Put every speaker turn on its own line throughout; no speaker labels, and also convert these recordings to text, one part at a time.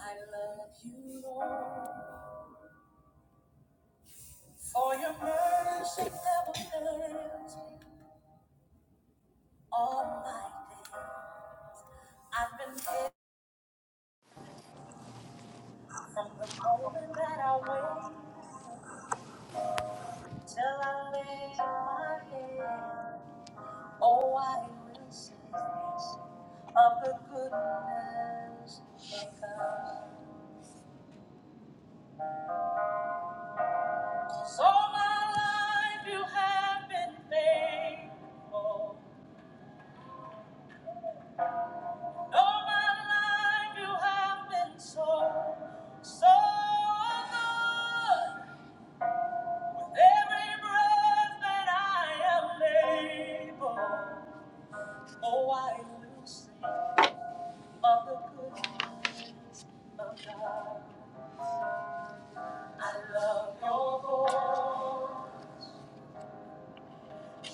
I love you, Lord, for your mercy never fails me all my days. I've been hit from the moment that I wake till I lay my head. Oh, I will sing of the goodness of God. So my life you have been faithful. All my life you have been so, so good. With every breath that I am able, oh, I will sing of the goodness of God. I love your voice.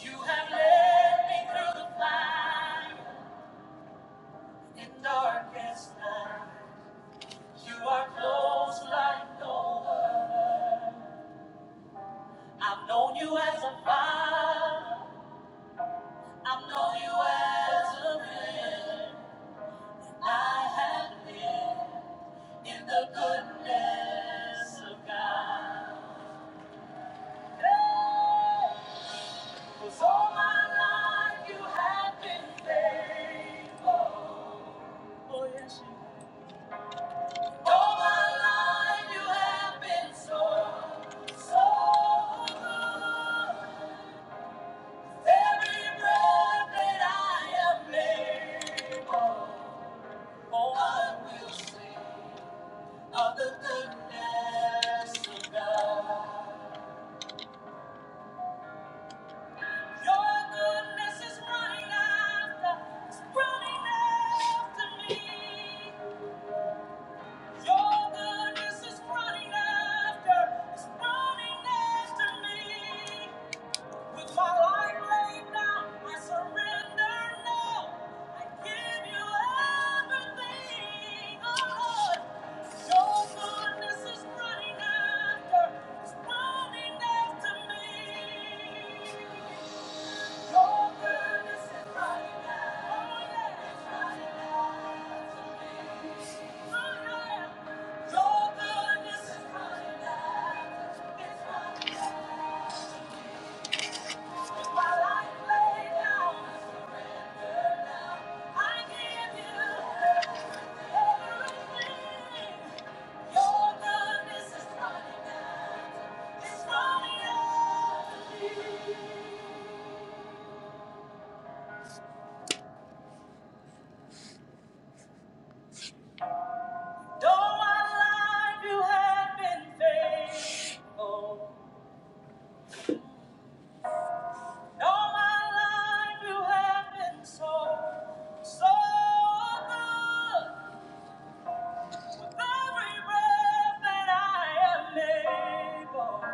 You have led me through the fire in darkest night. You are close like no other. I've known you as a father. I've known you as a friend. I have lived in the goodness of God. Hey! 'Cause all my life you have been faithful. Oh, yes, you have. All my life you have been so, so good. Every breath that I am able, oh, I will sing of the goodness of God. Your goodness is running after, it's running after me. Your goodness is running after, it's running after me. With my life laid down, I surrender now. I give you everything, oh Lord. Your goodness is running after, is running after me. Your goodness is running after, oh yeah, it's running after me. Oh yeah. Your goodness is running after, it's running after. me. With my life laid down. Though my life you have been faithful, though my life you have been so, so good. With every breath that I am able,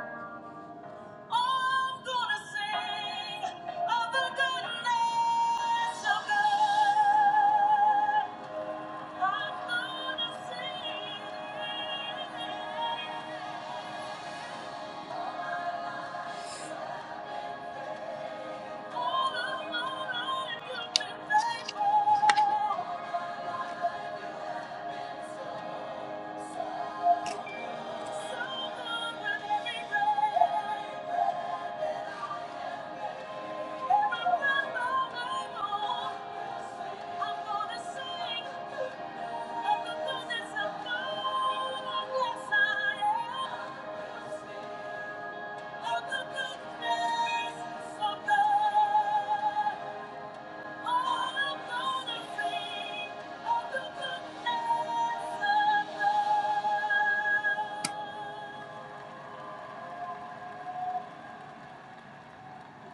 I'm gonna sing of the goodness of God. I'm gonna sing all of my life you've been faithful. So good and every day. Thank you.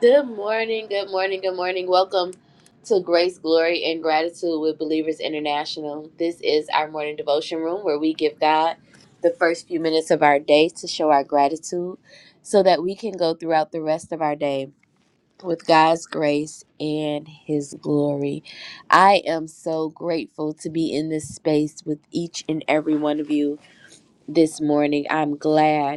Good morning, good morning, good morning. Welcome to Grace, Glory, and Gratitude with Believers International. This is our morning devotion room where we give God the first few minutes of our day to show our gratitude so that we can go throughout the rest of our day with God's grace and His glory. I am so grateful to be in this space with each and every one of you this morning. I'm glad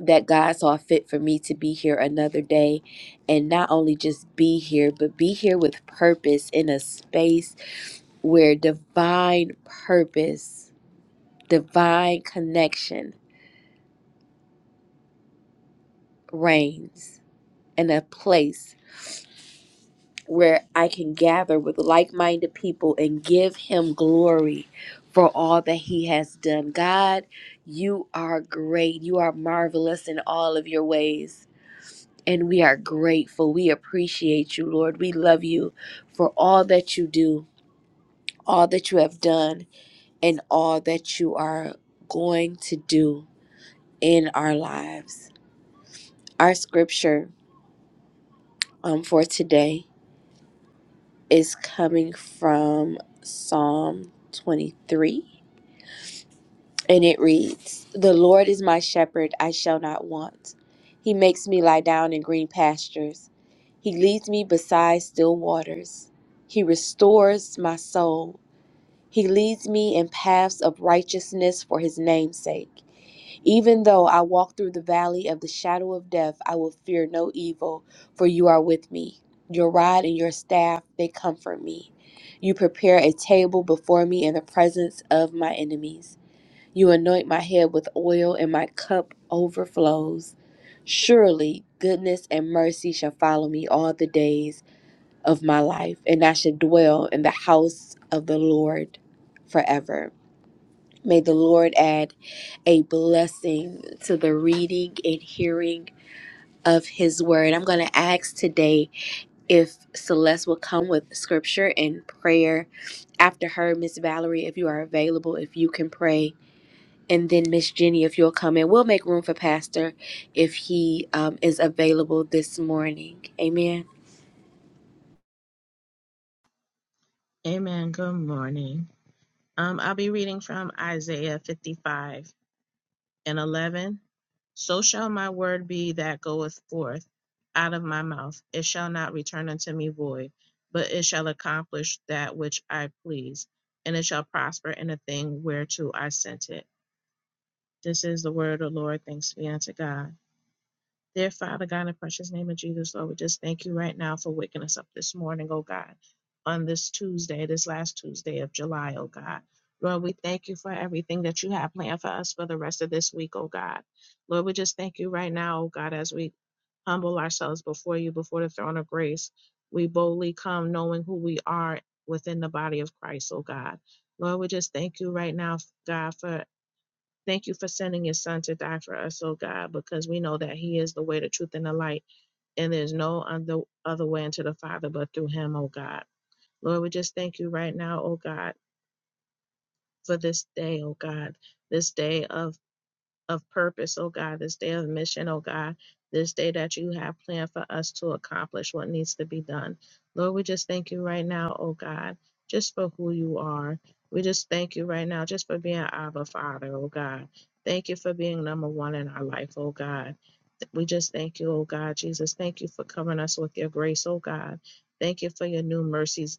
that God saw fit for me to be here another day and not only just be here, but be here with purpose in a space where divine purpose, divine connection reigns, and a place where I can gather with like minded people and give Him glory for all that He has done. God, you are great, you are marvelous in all of your ways. And we are grateful. We appreciate you, Lord. We love you for all that you do, all that you have done, and all that you are going to do in our lives. Our scripture um, for today is coming from Psalm 23. And it reads The Lord is my shepherd, I shall not want. He makes me lie down in green pastures. He leads me beside still waters. He restores my soul. He leads me in paths of righteousness for his name's sake. Even though I walk through the valley of the shadow of death, I will fear no evil, for you are with me. Your rod and your staff, they comfort me. You prepare a table before me in the presence of my enemies. You anoint my head with oil, and my cup overflows. Surely goodness and mercy shall follow me all the days of my life, and I shall dwell in the house of the Lord forever. May the Lord add a blessing to the reading and hearing of his word. I'm going to ask today if Celeste will come with scripture and prayer after her, Miss Valerie, if you are available, if you can pray and then Miss Jenny, if you'll come in, we'll make room for Pastor if he um, is available this morning. Amen.
Amen. Good morning. Um, I'll be reading from Isaiah 55 and 11. So shall my word be that goeth forth out of my mouth. It shall not return unto me void, but it shall accomplish that which I please, and it shall prosper in the thing whereto I sent it. This is the word of the Lord. Thanks be unto God. Dear Father God, in the precious name of Jesus, Lord, we just thank you right now for waking us up this morning, oh God, on this Tuesday, this last Tuesday of July, oh God. Lord, we thank you for everything that you have planned for us for the rest of this week, oh God. Lord, we just thank you right now, oh God, as we humble ourselves before you, before the throne of grace. We boldly come knowing who we are within the body of Christ, oh God. Lord, we just thank you right now, God, for Thank you for sending your son to die for us, oh God, because we know that he is the way, the truth, and the light, and there's no other, other way into the Father but through him, oh God. Lord, we just thank you right now, oh God, for this day, oh God, this day of of purpose, oh God, this day of mission, oh God, this day that you have planned for us to accomplish what needs to be done. Lord, we just thank you right now, oh God, just for who you are. We just thank you right now, just for being Abba Father, oh God. Thank you for being number one in our life, oh God. We just thank you, oh God, Jesus. Thank you for covering us with your grace, oh God. Thank you for your new mercies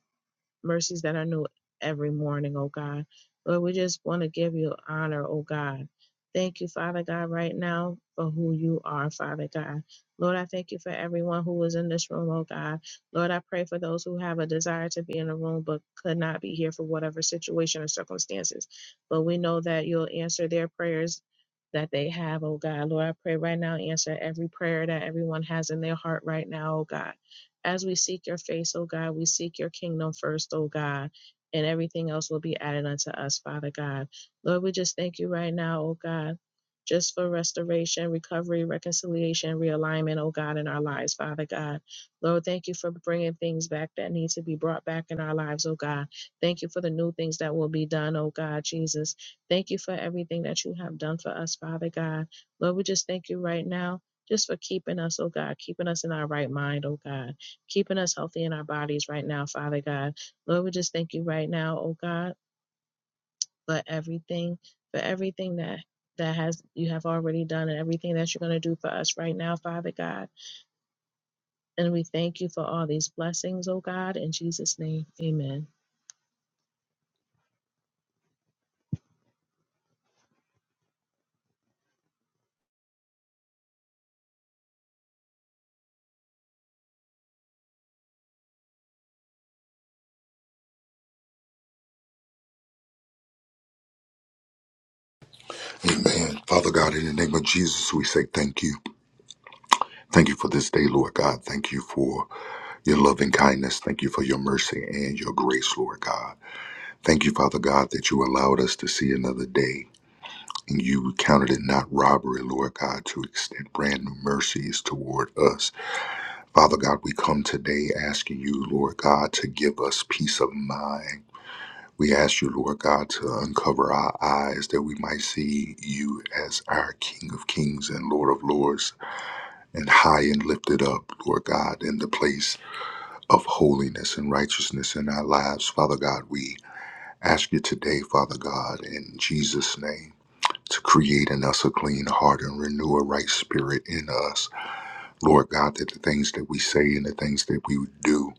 mercies that are new every morning, oh God. Lord, we just want to give you honor, oh God. Thank you, Father God, right now for who you are, Father God. Lord, I thank you for everyone who is in this room, oh God. Lord, I pray for those who have a desire to be in the room but could not be here for whatever situation or circumstances. But we know that you'll answer their prayers that they have, oh God. Lord, I pray right now, answer every prayer that everyone has in their heart right now, oh God. As we seek your face, O God, we seek your kingdom first, O God, and everything else will be added unto us, Father God. Lord, we just thank you right now, O God. Just for restoration, recovery, reconciliation, realignment, oh God, in our lives, Father God. Lord, thank you for bringing things back that need to be brought back in our lives, oh God. Thank you for the new things that will be done, oh God, Jesus. Thank you for everything that you have done for us, Father God. Lord, we just thank you right now just for keeping us, oh God, keeping us in our right mind, oh God keeping us healthy in our bodies right now, Father God. Lord, we just thank you right now, oh God, for everything, for everything that that has you have already done and everything that you're going to do for us right now, Father God. And we thank you for all these blessings, oh God, in Jesus' name. Amen.
Amen. Father God, in the name of Jesus, we say thank you. Thank you for this day, Lord God. Thank you for your loving kindness. Thank you for your mercy and your grace, Lord God. Thank you, Father God, that you allowed us to see another day. And you counted it not robbery, Lord God, to extend brand new mercies toward us. Father God, we come today asking you, Lord God, to give us peace of mind. We ask you, Lord God, to uncover our eyes that we might see you as our King of Kings and Lord of Lords. and high and lifted up, Lord God, in the place of holiness and righteousness in our lives. Father God, we ask you today, Father God, in Jesus' name. To create in us a clean heart and renew a right spirit in us. Lord God, that the things that we say and the things that we do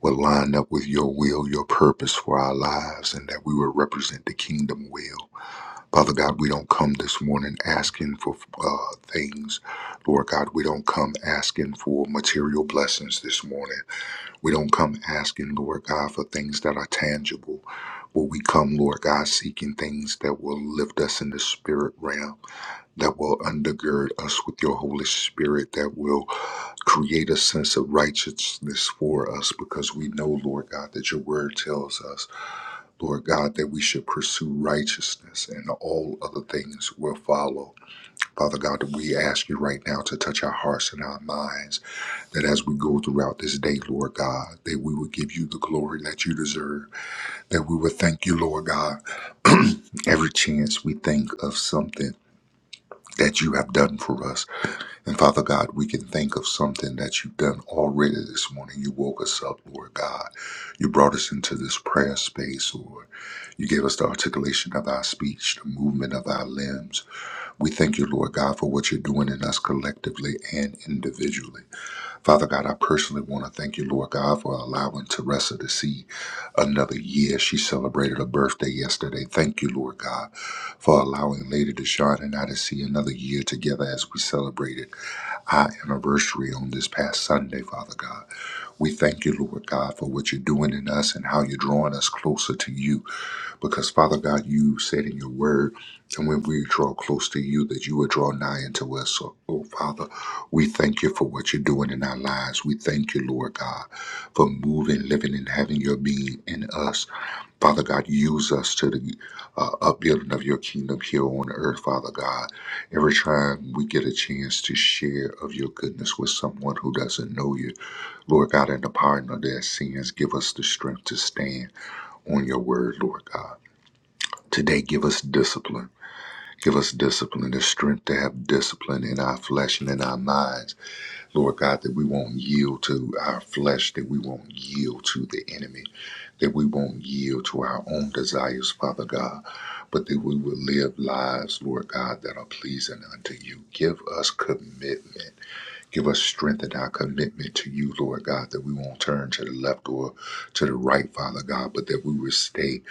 will line up with your will, your purpose for our lives, and that we will represent the kingdom well. Father God, we don't come this morning asking for uh, things. Lord God, we don't come asking for material blessings this morning. We don't come asking, Lord God, for things that are tangible. But we come, Lord God, seeking things that will lift us in the spirit realm, that will undergird us with your Holy Spirit, that will create a sense of righteousness for us, because we know, Lord God, that your word tells us. Lord God, that we should pursue righteousness and all other things will follow. Father God, we ask you right now to touch our hearts and our minds, that as we go throughout this day, Lord God, that we will give you the glory that you deserve, that we will thank you, Lord God, every chance we think of something that you have done for us. And Father God, we can think of something that you've done already this morning. You woke us up, Lord God. You brought us into this prayer space, Lord. You gave us the articulation of our speech, the movement of our limbs. We thank you, Lord God, for what you're doing in us collectively and individually. Father God, I personally want to thank you, Lord God, for allowing Teresa to see another year. She celebrated her birthday yesterday. Thank you, Lord God, for allowing Lady Deshawn and I to see another year together as we celebrated our anniversary on this past Sunday, Father God. We thank you, Lord God, for what you're doing in us and how you're drawing us closer to you. Because, Father God, you said in your word, and when we draw close to you, that you will draw nigh unto us. So, oh, Father, we thank you for what you're doing in our lives. We thank you, Lord God, for moving, living, and having your being in us. Father God, use us to the uh, upbuilding of your kingdom here on earth, Father God. Every time we get a chance to share of your goodness with someone who doesn't know you, Lord God, in the pardon of their sins, give us the strength to stand on your word, Lord God. Today, give us discipline. Give us discipline, the strength to have discipline in our flesh and in our minds. Lord God, that we won't yield to our flesh, that we won't yield to the enemy, that we won't yield to our own desires, Father God, but that we will live lives, Lord God, that are pleasing unto you. Give us commitment. Give us strength in our commitment to you, Lord God, that we won't turn to the left or to the right, Father God, but that we will stay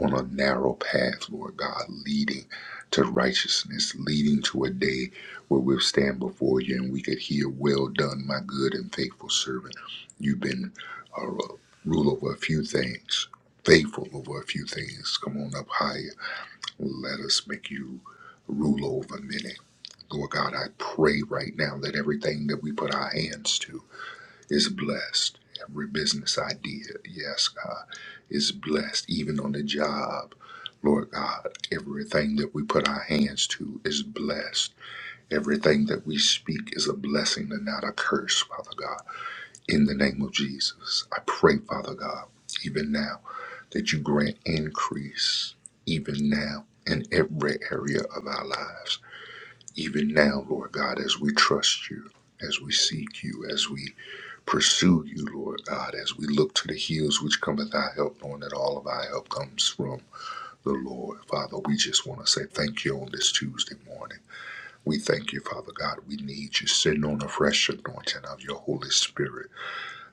on a narrow path, Lord God, leading to righteousness, leading to a day where we'll stand before you and we could hear, Well done, my good and faithful servant. You've been a rule over a few things, faithful over a few things. Come on up higher let us make you rule over many. Lord God, I pray right now that everything that we put our hands to is blessed. Every business idea, yes, God, is blessed, even on the job. Lord God, everything that we put our hands to is blessed. Everything that we speak is a blessing and not a curse, Father God. In the name of Jesus, I pray, Father God, even now, that you grant increase, even now, in every area of our lives. Even now, Lord God, as we trust you, as we seek you, as we pursue you, Lord God, as we look to the hills which cometh our help, knowing that all of our help comes from the Lord. Father, we just want to say thank you on this Tuesday morning. We thank you, Father God. We need you. Send on a fresh anointing of your Holy Spirit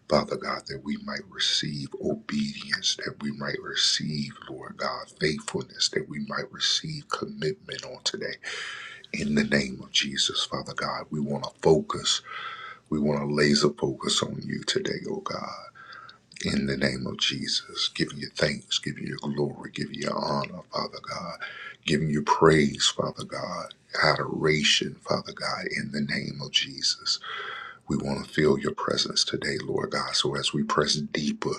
Father God, that we might receive obedience, that we might receive, Lord God, faithfulness, that we might receive commitment on today. In the name of Jesus, Father God, we want to focus. We want to laser focus on you today, oh God. In the name of Jesus, giving you thanks, giving you glory, giving you honor, Father God, giving you praise, Father God, adoration, Father God, in the name of Jesus. We want to feel your presence today, Lord God. So as we press deeper,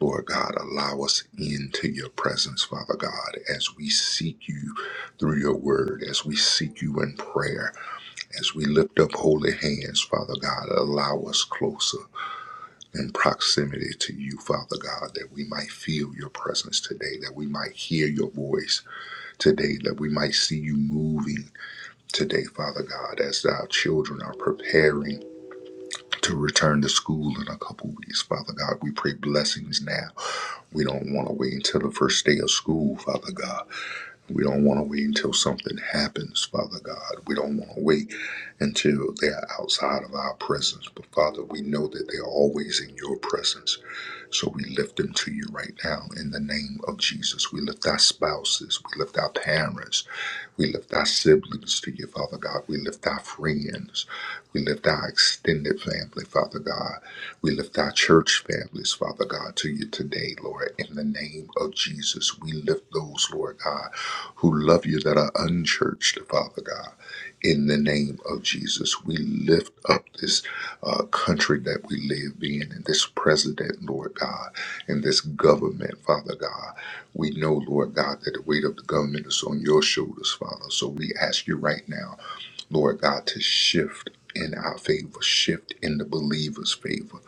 Lord God, allow us into your presence, Father God, as we seek you through your word, as we seek you in prayer, as we lift up holy hands, Father God, allow us closer in proximity to you, Father God, that we might feel your presence today, that we might hear your voice today, that we might see you moving today, Father God, as our children are preparing to return to school in a couple weeks, Father God. We pray blessings now we don't want to wait until the first day of school, Father God. We don't want to wait until something happens, Father God. We don't want to wait until they are outside of our presence. But Father, we know that they are always in your presence. So we lift them to you right now in the name of Jesus. We lift our spouses. We lift our parents. We lift our siblings to you, Father God. We lift our friends. We lift our extended family, Father God. We lift our church families, Father God, to you today, Lord, in the name of Jesus. We lift those, Lord God, who love you that are unchurched, Father God. In the name of Jesus, we lift up this uh, country that we live in and this president, Lord God, and this government, Father God. We know, Lord God, that the weight of the government is on your shoulders, Father. So we ask you right now, Lord God, to shift in our favor, shift in the believer's favor.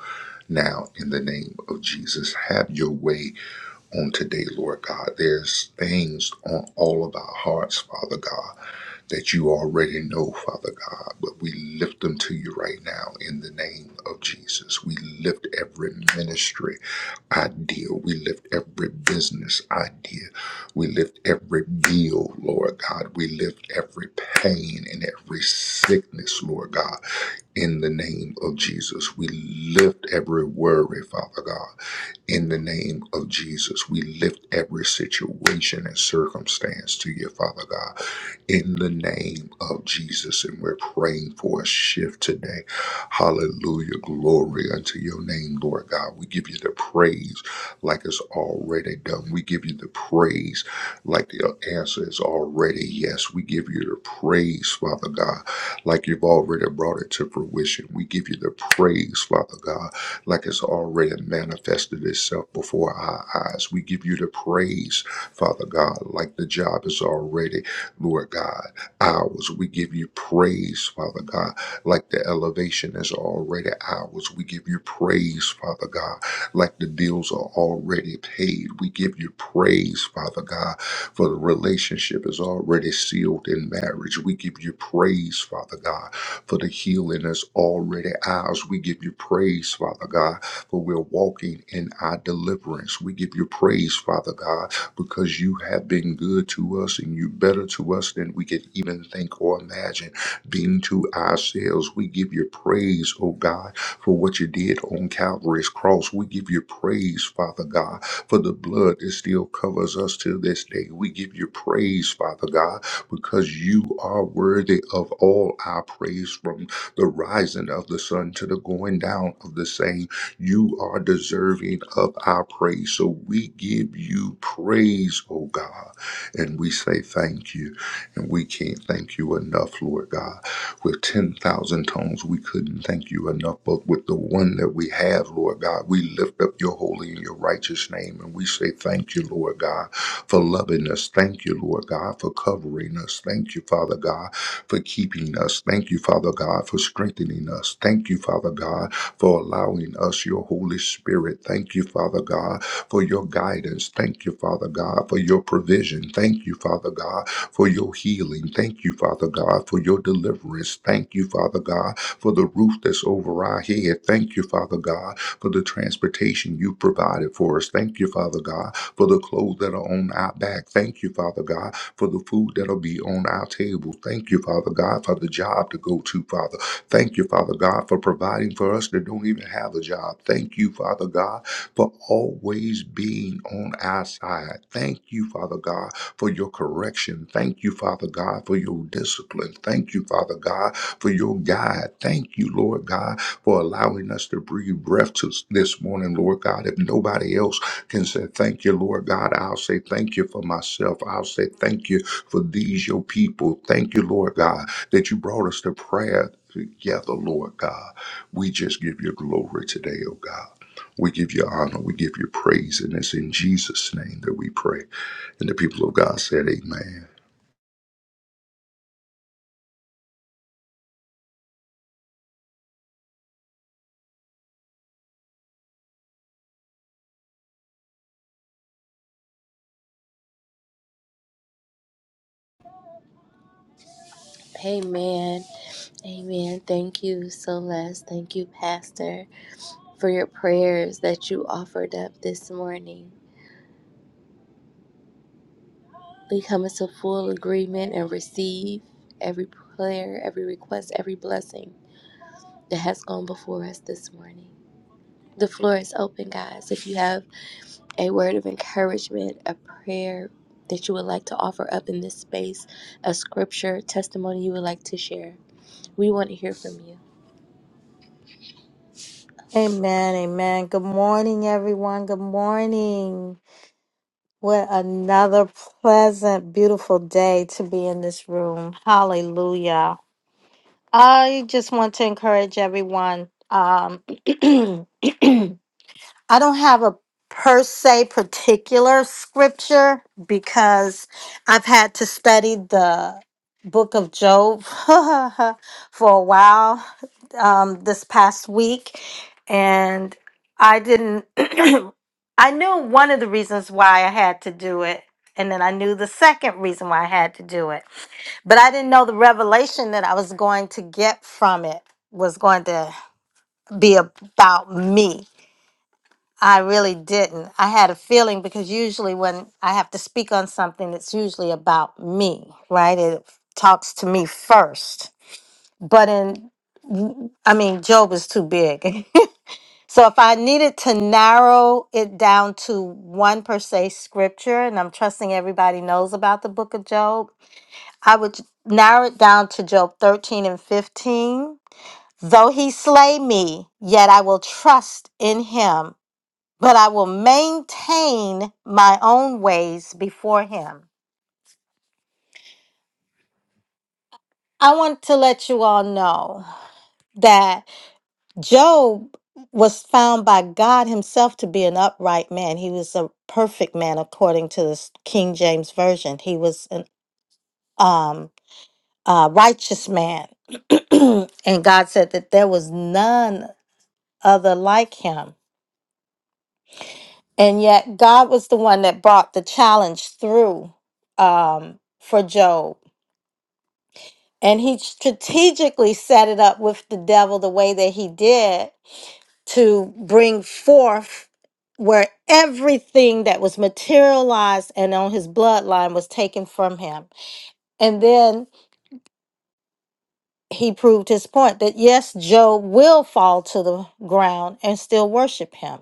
Now, in the name of Jesus, have your way on today, Lord God. There's things on all of our hearts, Father God that you already know, Father God, but we lift them to you right now in the name of Jesus. We lift every ministry idea. We lift every business idea. We lift every bill, Lord God. We lift every pain and every sickness, Lord God, in the name of Jesus. We lift every worry, Father God, in the name of Jesus. We lift every situation and circumstance to you, Father God in the name of Jesus. And we're praying for a shift today. Hallelujah. Glory unto your name, Lord God. We give you the praise like it's already done. We give you the praise like the answer is already yes. We give you the praise, Father God, like you've already brought it to fruition. We give you the praise, Father God, like it's already manifested itself before our eyes. We give you the praise, Father God, like the job is already Lord God, ours. We give you praise, Father God, like the elevation is already ours. We give you praise, Father God, like the deals are already paid. We give you praise, Father God, for the relationship is already sealed in marriage. We give you praise, Father God, for the healing is already ours. We give you praise, Father God, for we're walking in our deliverance. We give you praise, Father God, because you have been good to us and you better to us than we could even think or imagine. Being to ourselves, we give you praise, oh God, for what you did on Calvary's cross. We give you praise, Father God, for the blood that still covers us till this day. We give you praise, Father God, because you are worthy of all our praise from the rising of the sun to the going down of the same. You are deserving of our praise. So we give you praise, oh God, and we say thank you. And we can't thank you enough, Lord God. With 10,000 tongues, we couldn't thank you enough. But with the one that we have, Lord God, we lift up your holy and your righteous name. And we say thank you, Lord God, for loving us. Thank you, Lord God, for covering us. Thank you, Father God for keeping us. Thank you, Father God, for strengthening us. Thank you, Father God, for allowing us your Holy Spirit. Thank you, Father God, for your guidance. Thank you, Father God, for your provision. Thank you, Father God, for your healing. Thank you, Father God, for your deliverance. Thank you, Father God, for the roof that's us over our head. Thank you, Father God, for the transportation you provided for us. Thank you, Father God, for the clothes that are on our back. Thank you, Father God, for the food that'll be on our table. Thank you, Father God, for the job to go to, Father. Thank you, Father God, for providing for us that don't even have a job. Thank you, Father God, for always being on our side. Thank you, Father God for your correction. Thank you, Father God, for your discipline. Thank you, Father God, for your guide. Thank you, Lord God, for allowing us to breathe breath to this morning, Lord God. If nobody else can say thank you, Lord God, I'll say thank you for myself. I'll say thank you for these, your people. Thank you, Lord God, that you brought us to prayer together, Lord God. We just give you glory today, oh God. We give you honor. We give you praise. And it's in Jesus' name that we pray. And the people of God said, Amen.
Amen. Amen. Thank you, Celeste. Thank you, Pastor, for your prayers that you offered up this morning. We come into full agreement and receive every prayer, every request, every blessing that has gone before us this morning. The floor is open, guys. If you have a word of encouragement, a prayer that you would like to offer up in this space, a scripture, testimony you would like to share. We want to hear from you.
Amen, amen. Good morning, everyone. Good morning. What another pleasant, beautiful day to be in this room. Hallelujah. I just want to encourage everyone. Um, I don't have a per se particular scripture because I've had to study the book of Job for a while um, this past week. And I didn't, I knew one of the reasons why I had to do it. And then I knew the second reason why I had to do it. But I didn't know the revelation that I was going to get from it was going to be about me I really didn't. I had a feeling because usually when I have to speak on something, it's usually about me, right? It talks to me first. But in, I mean, Job is too big. so if I needed to narrow it down to one per se scripture, and I'm trusting everybody knows about the book of Job, I would narrow it down to Job 13 and 15. Though he slay me, yet I will trust in him but I will maintain my own ways before him. I want to let you all know that Job was found by God himself to be an upright man. He was a perfect man according to the King James version. He was an um uh, righteous man. and God said that there was none other like him. And yet God was the one that brought the challenge through um for Job And he strategically set it up with the devil the way that he did to bring forth where everything that was materialized and on his bloodline was taken from him. And then he proved his point that yes, Job will fall to the ground and still worship him.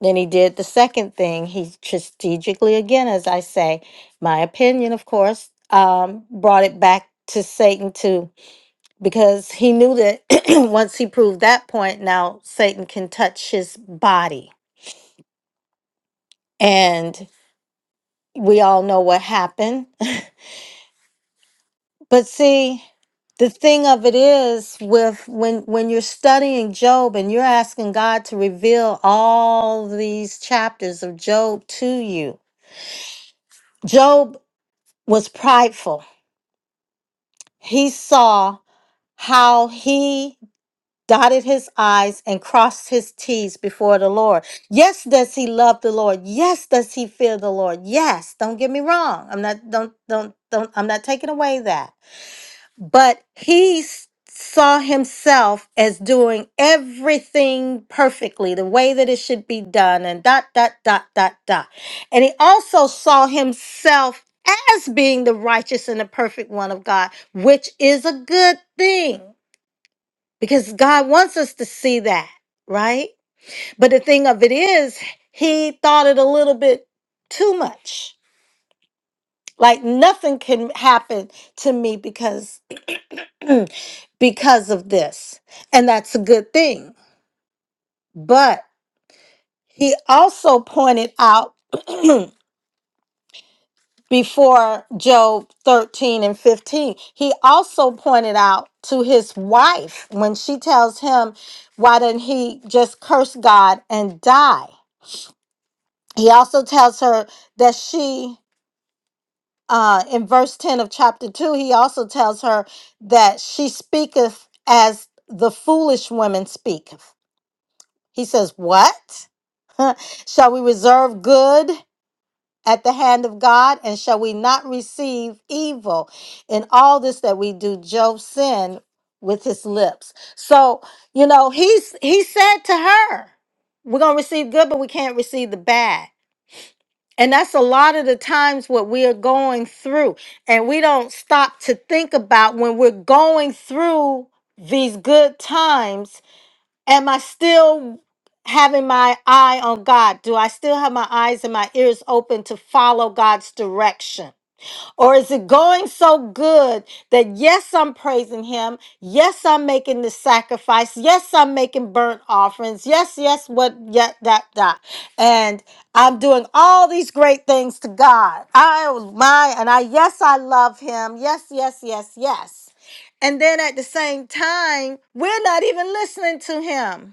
Then he did the second thing. He strategically, again, as I say, my opinion, of course, um, brought it back to Satan to because he knew that once he proved that point, now Satan can touch his body. And we all know what happened. but see, the thing of it is with when when you're studying Job and you're asking God to reveal all these chapters of Job to you. Job was prideful. He saw how he dotted his I's and crossed his T's before the Lord. Yes, does he love the Lord? Yes, does he fear the Lord? Yes, don't get me wrong. I'm not don't don't don't I'm not taking away that. But he s- saw himself as doing everything perfectly, the way that it should be done, and dot dot dot dot dot. And he also saw himself as being the righteous and the perfect one of God, which is a good thing because God wants us to see that, right? But the thing of it is, he thought it a little bit too much. Like nothing can happen to me because because of this. And that's a good thing. But he also pointed out before Job 13 and 15, he also pointed out to his wife when she tells him, Why didn't he just curse God and die? He also tells her that she, uh, in verse 10 of chapter 2, he also tells her that she speaketh as the foolish women speaketh. He says, What? shall we reserve good at the hand of God, and shall we not receive evil? In all this that we do, Job sinned with his lips. So, you know, he's he said to her, We're gonna receive good, but we can't receive the bad. And that's a lot of the times what we are going through. And we don't stop to think about when we're going through these good times, am I still having my eye on God? Do I still have my eyes and my ears open to follow God's direction? Or is it going so good that yes, I'm praising him. Yes, I'm making the sacrifice. Yes, I'm making burnt offerings. Yes, yes, what, yeah, that, that. And I'm doing all these great things to God. I was my, and I, yes, I love him. Yes, yes, yes, yes. And then at the same time, we're not even listening to him.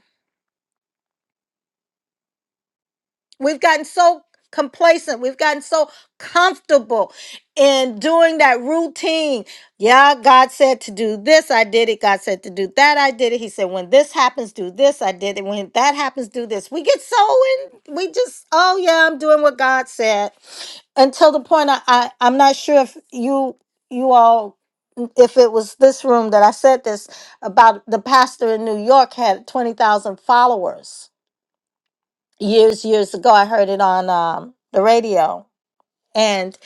We've gotten so complacent. We've gotten so comfortable in doing that routine. Yeah, God said to do this, I did it. God said to do that, I did it. He said, when this happens, do this, I did it. When that happens, do this. We get so in, we just, oh yeah, I'm doing what God said. Until the point I, I I'm not sure if you you all if it was this room that I said this about the pastor in New York had 20,000 followers years years ago i heard it on um, the radio and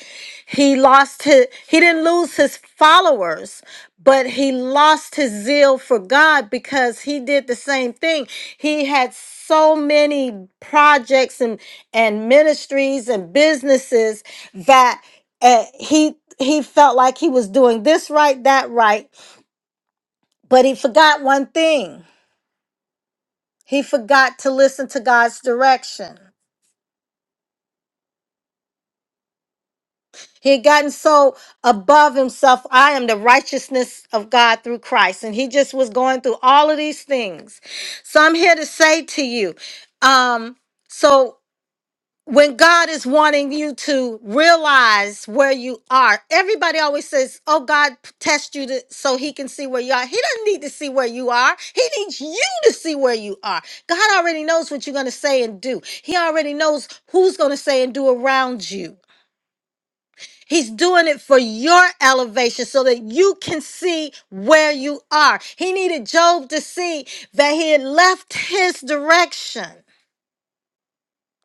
he lost his he didn't lose his followers but he lost his zeal for god because he did the same thing he had so many projects and and ministries and businesses that uh, he he felt like he was doing this right that right but he forgot one thing he forgot to listen to god's direction He had gotten so above himself. I am the righteousness of God through Christ. And he just was going through all of these things. So I'm here to say to you, um, so when God is wanting you to realize where you are, everybody always says, Oh, God test you to, so he can see where you are. He doesn't need to see where you are. He needs you to see where you are. God already knows what you're going to say and do. He already knows who's going to say and do around you. He's doing it for your elevation so that you can see where you are. He needed Job to see that he had left his direction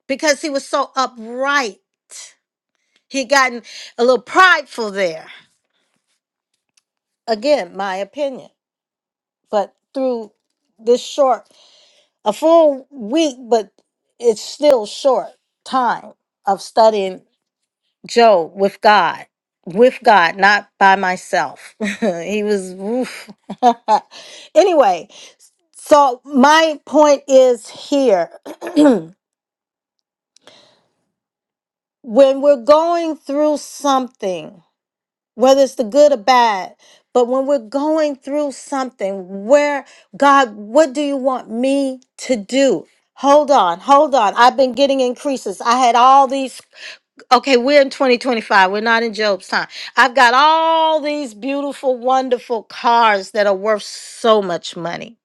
because he was so upright. He had gotten a little prideful there. Again, my opinion. But through this short, a full week, but it's still short time of studying Joe, with God, with God, not by myself. he was, oof. anyway, so my point is here when we're going through something, whether it's the good or bad, but when we're going through something, where God, what do you want me to do? Hold on, hold on. I've been getting increases. I had all these Okay, we're in 2025. We're not in Job's time. I've got all these beautiful, wonderful cars that are worth so much money.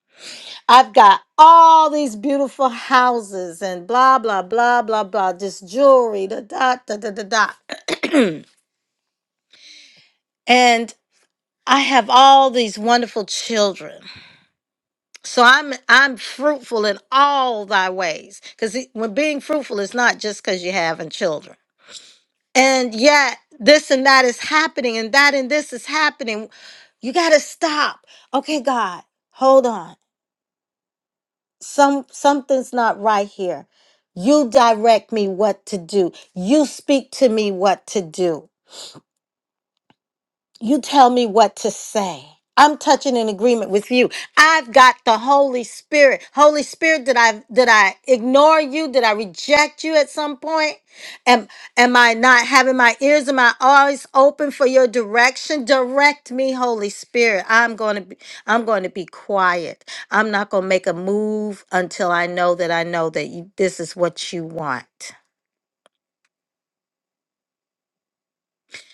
I've got all these beautiful houses and blah, blah, blah, blah, blah, just jewelry, da, da, da, da, da, da. and I have all these wonderful children. So I'm I'm fruitful in all thy ways. Because when being fruitful is not just because you're having children. and yet this and that is happening and that and this is happening you got to stop okay god hold on some something's not right here you direct me what to do you speak to me what to do You tell me what to say. I'm touching an agreement with you. I've got the Holy Spirit. Holy Spirit, did I did I ignore you? Did I reject you at some point? Am am I not having my ears and my eyes open for your direction? Direct me, Holy Spirit. I'm going to be I'm going to be quiet. I'm not going to make a move until I know that I know that you, this is what you want.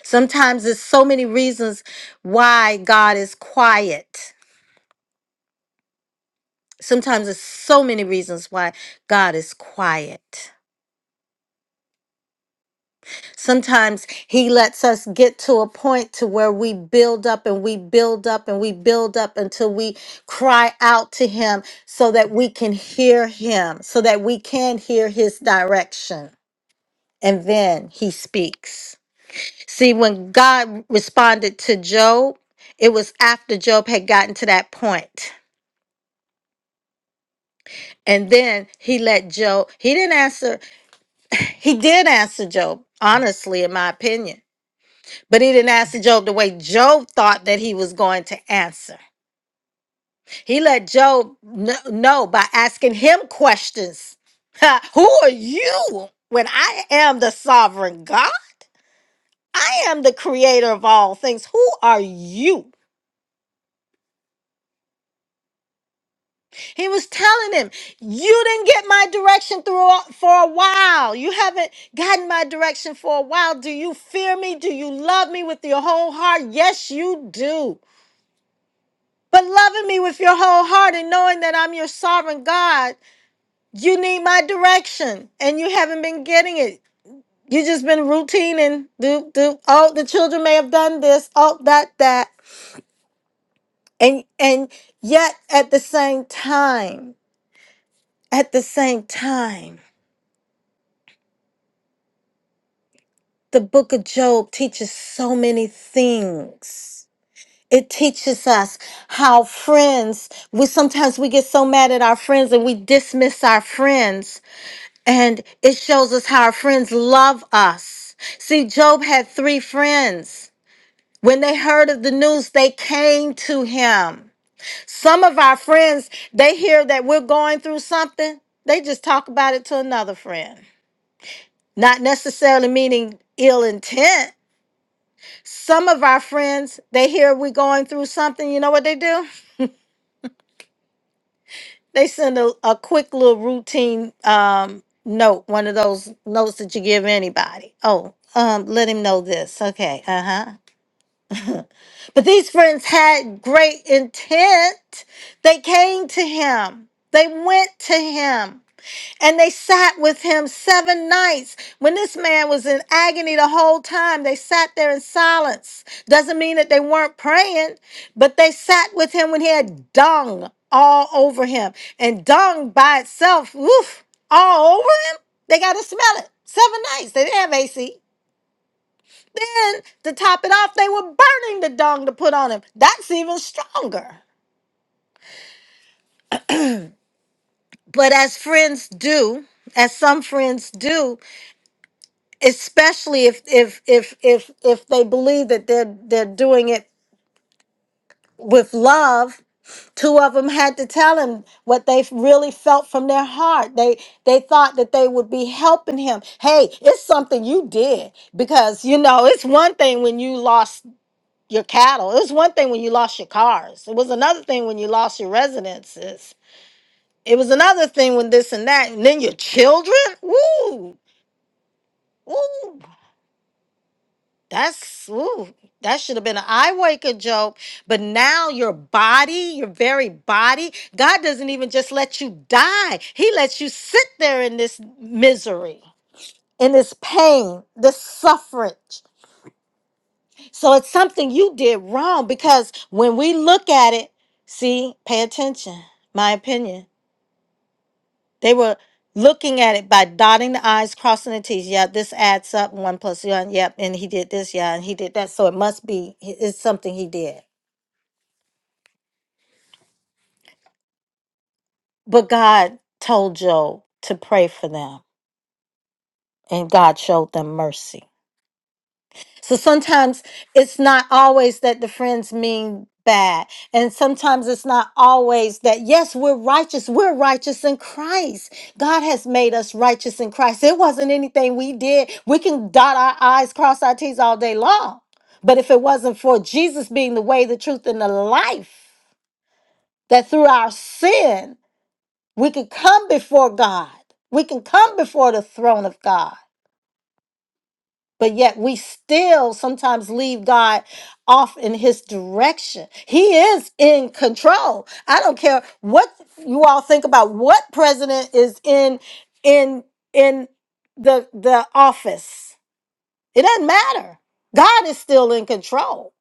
Sometimes there's so many reasons why God is quiet Sometimes there's so many reasons why God is quiet. Sometimes he lets us get to a point to where we build up and we build up and we build up until we cry out to him so that we can hear him, so that we can hear his direction. And then he speaks. See, when God responded to Job, it was after Job had gotten to that point. And then he let Job, he didn't answer He did answer Job, honestly, in my opinion. But he didn't answer Job the way Job thought that he was going to answer. He let Job kn- know by asking him questions Who are you when I am the sovereign God? I am the creator of all things. Who are you? He was telling him, You didn't get my direction through a- for a while. You haven't gotten my direction for a while. Do you fear me? Do you love me with your whole heart? Yes, you do. But loving me with your whole heart and knowing that I'm your sovereign God, you need my direction and you haven't been getting it. You just been routine and do do oh the children may have done this, oh that that. And and yet at the same time, at the same time. The book of Job teaches so many things. It teaches us how friends, we sometimes we get so mad at our friends and we dismiss our friends. And it shows us how our friends love us. See, Job had three friends. When they heard of the news, they came to him. Some of our friends, they hear that we're going through something, they just talk about it to another friend. Not necessarily meaning ill intent, Some of our friends, they hear we're going through something. You know what they do? They send a, a quick little routine um, note, one of those notes that you give anybody. Oh, um, let him know this. Okay. Uh huh. But these friends had great intent. They came to him, they went to him. And they sat with him seven nights. When this man was in agony the whole time, they sat there in silence. Doesn't mean that they weren't praying, but they sat with him when he had dung all over him. And dung by itself, woof, all over him, they got to smell it. Seven nights. They didn't have AC. Then to top it off, they were burning the dung to put on him. That's even stronger. But as friends do, as some friends do, especially if if if if if they believe that they're they're doing it with love two of them had to tell him what they really felt from their heart they they thought that they would be helping him hey it's something you did because you know it's one thing when you lost your cattle it was one thing when you lost your cars it was another thing when you lost your residences it was another thing when this and that and then your children Woo! Woo! That's ooh, that should have been an eye waker, joke, But now your body, your very body, God doesn't even just let you die. He lets you sit there in this misery, in this pain, this suffrage. So it's something you did wrong because when we look at it, see, pay attention. My opinion. They were looking at it by dotting the i's, crossing the t's. Yeah, this adds up. One plus one. Yep, and he did this. Yeah, and he did that. So it must be it's something he did. But God told Job to pray for them, and God showed them mercy. So sometimes it's not always that the friends mean bad. And sometimes it's not always that, yes, we're righteous. We're righteous in Christ. God has made us righteous in Christ. It wasn't anything we did. We can dot our I's, cross our T's all day long. But if it wasn't for Jesus being the way, the truth, and the life, that through our sin, we could come before God. We can come before the throne of God but yet we still sometimes leave God off in his direction. He is in control. I don't care what you all think about what president is in in in the the office. It doesn't matter. God is still in control.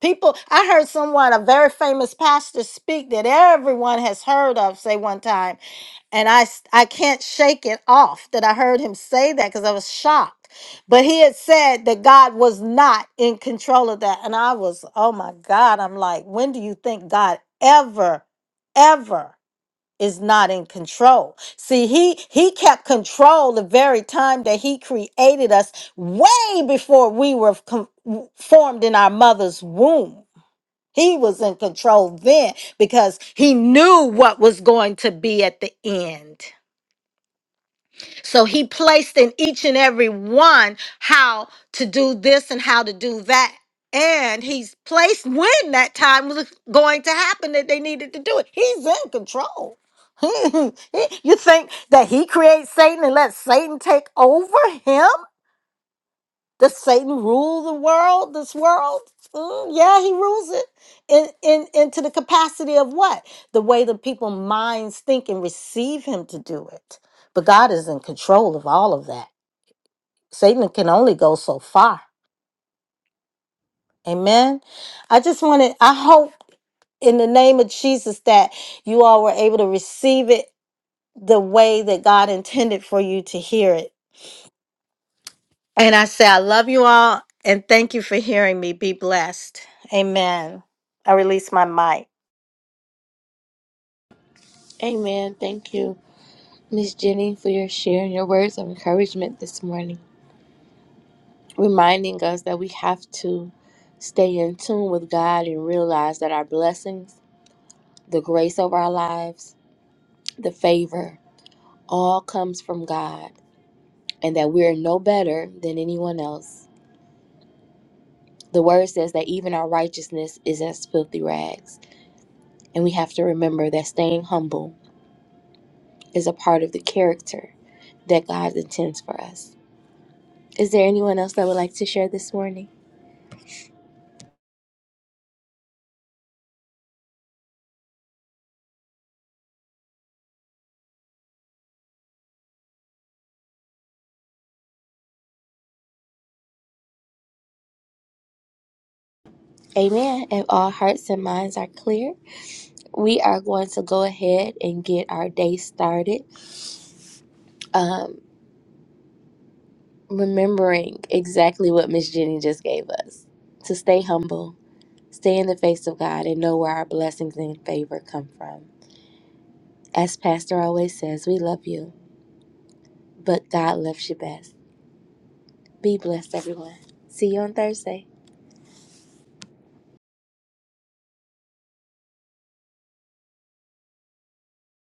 People, I heard someone, a very famous pastor, speak that everyone has heard of, say one time and I s- I can't shake it off that I heard him say that because I was shocked. But he had said that God was not in control of that, and I was, oh my God! I'm like, when do you think God ever, ever? is not in control. See, he he kept control the very time that he created us way before we were com- formed in our mother's womb. He was in control then because he knew what was going to be at the end. So he placed in each and every one how to do this and how to do that. And he's placed when that time was going to happen that they needed to do it. He's in control. you think that he creates Satan and lets Satan take over him? Does Satan rule the world, this world? Mm, yeah, he rules it in, in into the capacity of what? The way the people minds think and receive him to do it. But God is in control of all of that. Satan can only go so far. Amen. I just wanted, I hope in the name of Jesus that you all were able to receive it the way that God intended for you to hear it. And I say, I love you all and thank you for hearing me. Be blessed. Amen. I release my mic.
Amen. Thank you, Miss Jenny, for your share and your words of encouragement this morning, reminding us that we have to stay in tune with God and realize that our blessings, the grace of our lives, the favor, all comes from God, and that we're no better than anyone else The word says that even our righteousness is as filthy rags. And we have to remember that staying humble is a part of the character that God intends for us. Is there anyone else that would like to share this morning? Amen. If all hearts and minds are clear, we are going to go ahead and get our day started, um, remembering exactly what Miss Jenny just gave us to stay humble, stay in the face of God, and know where our blessings and favor come from. As Pastor always says, we love you But God loves you best. Be blessed, everyone. See you on Thursday.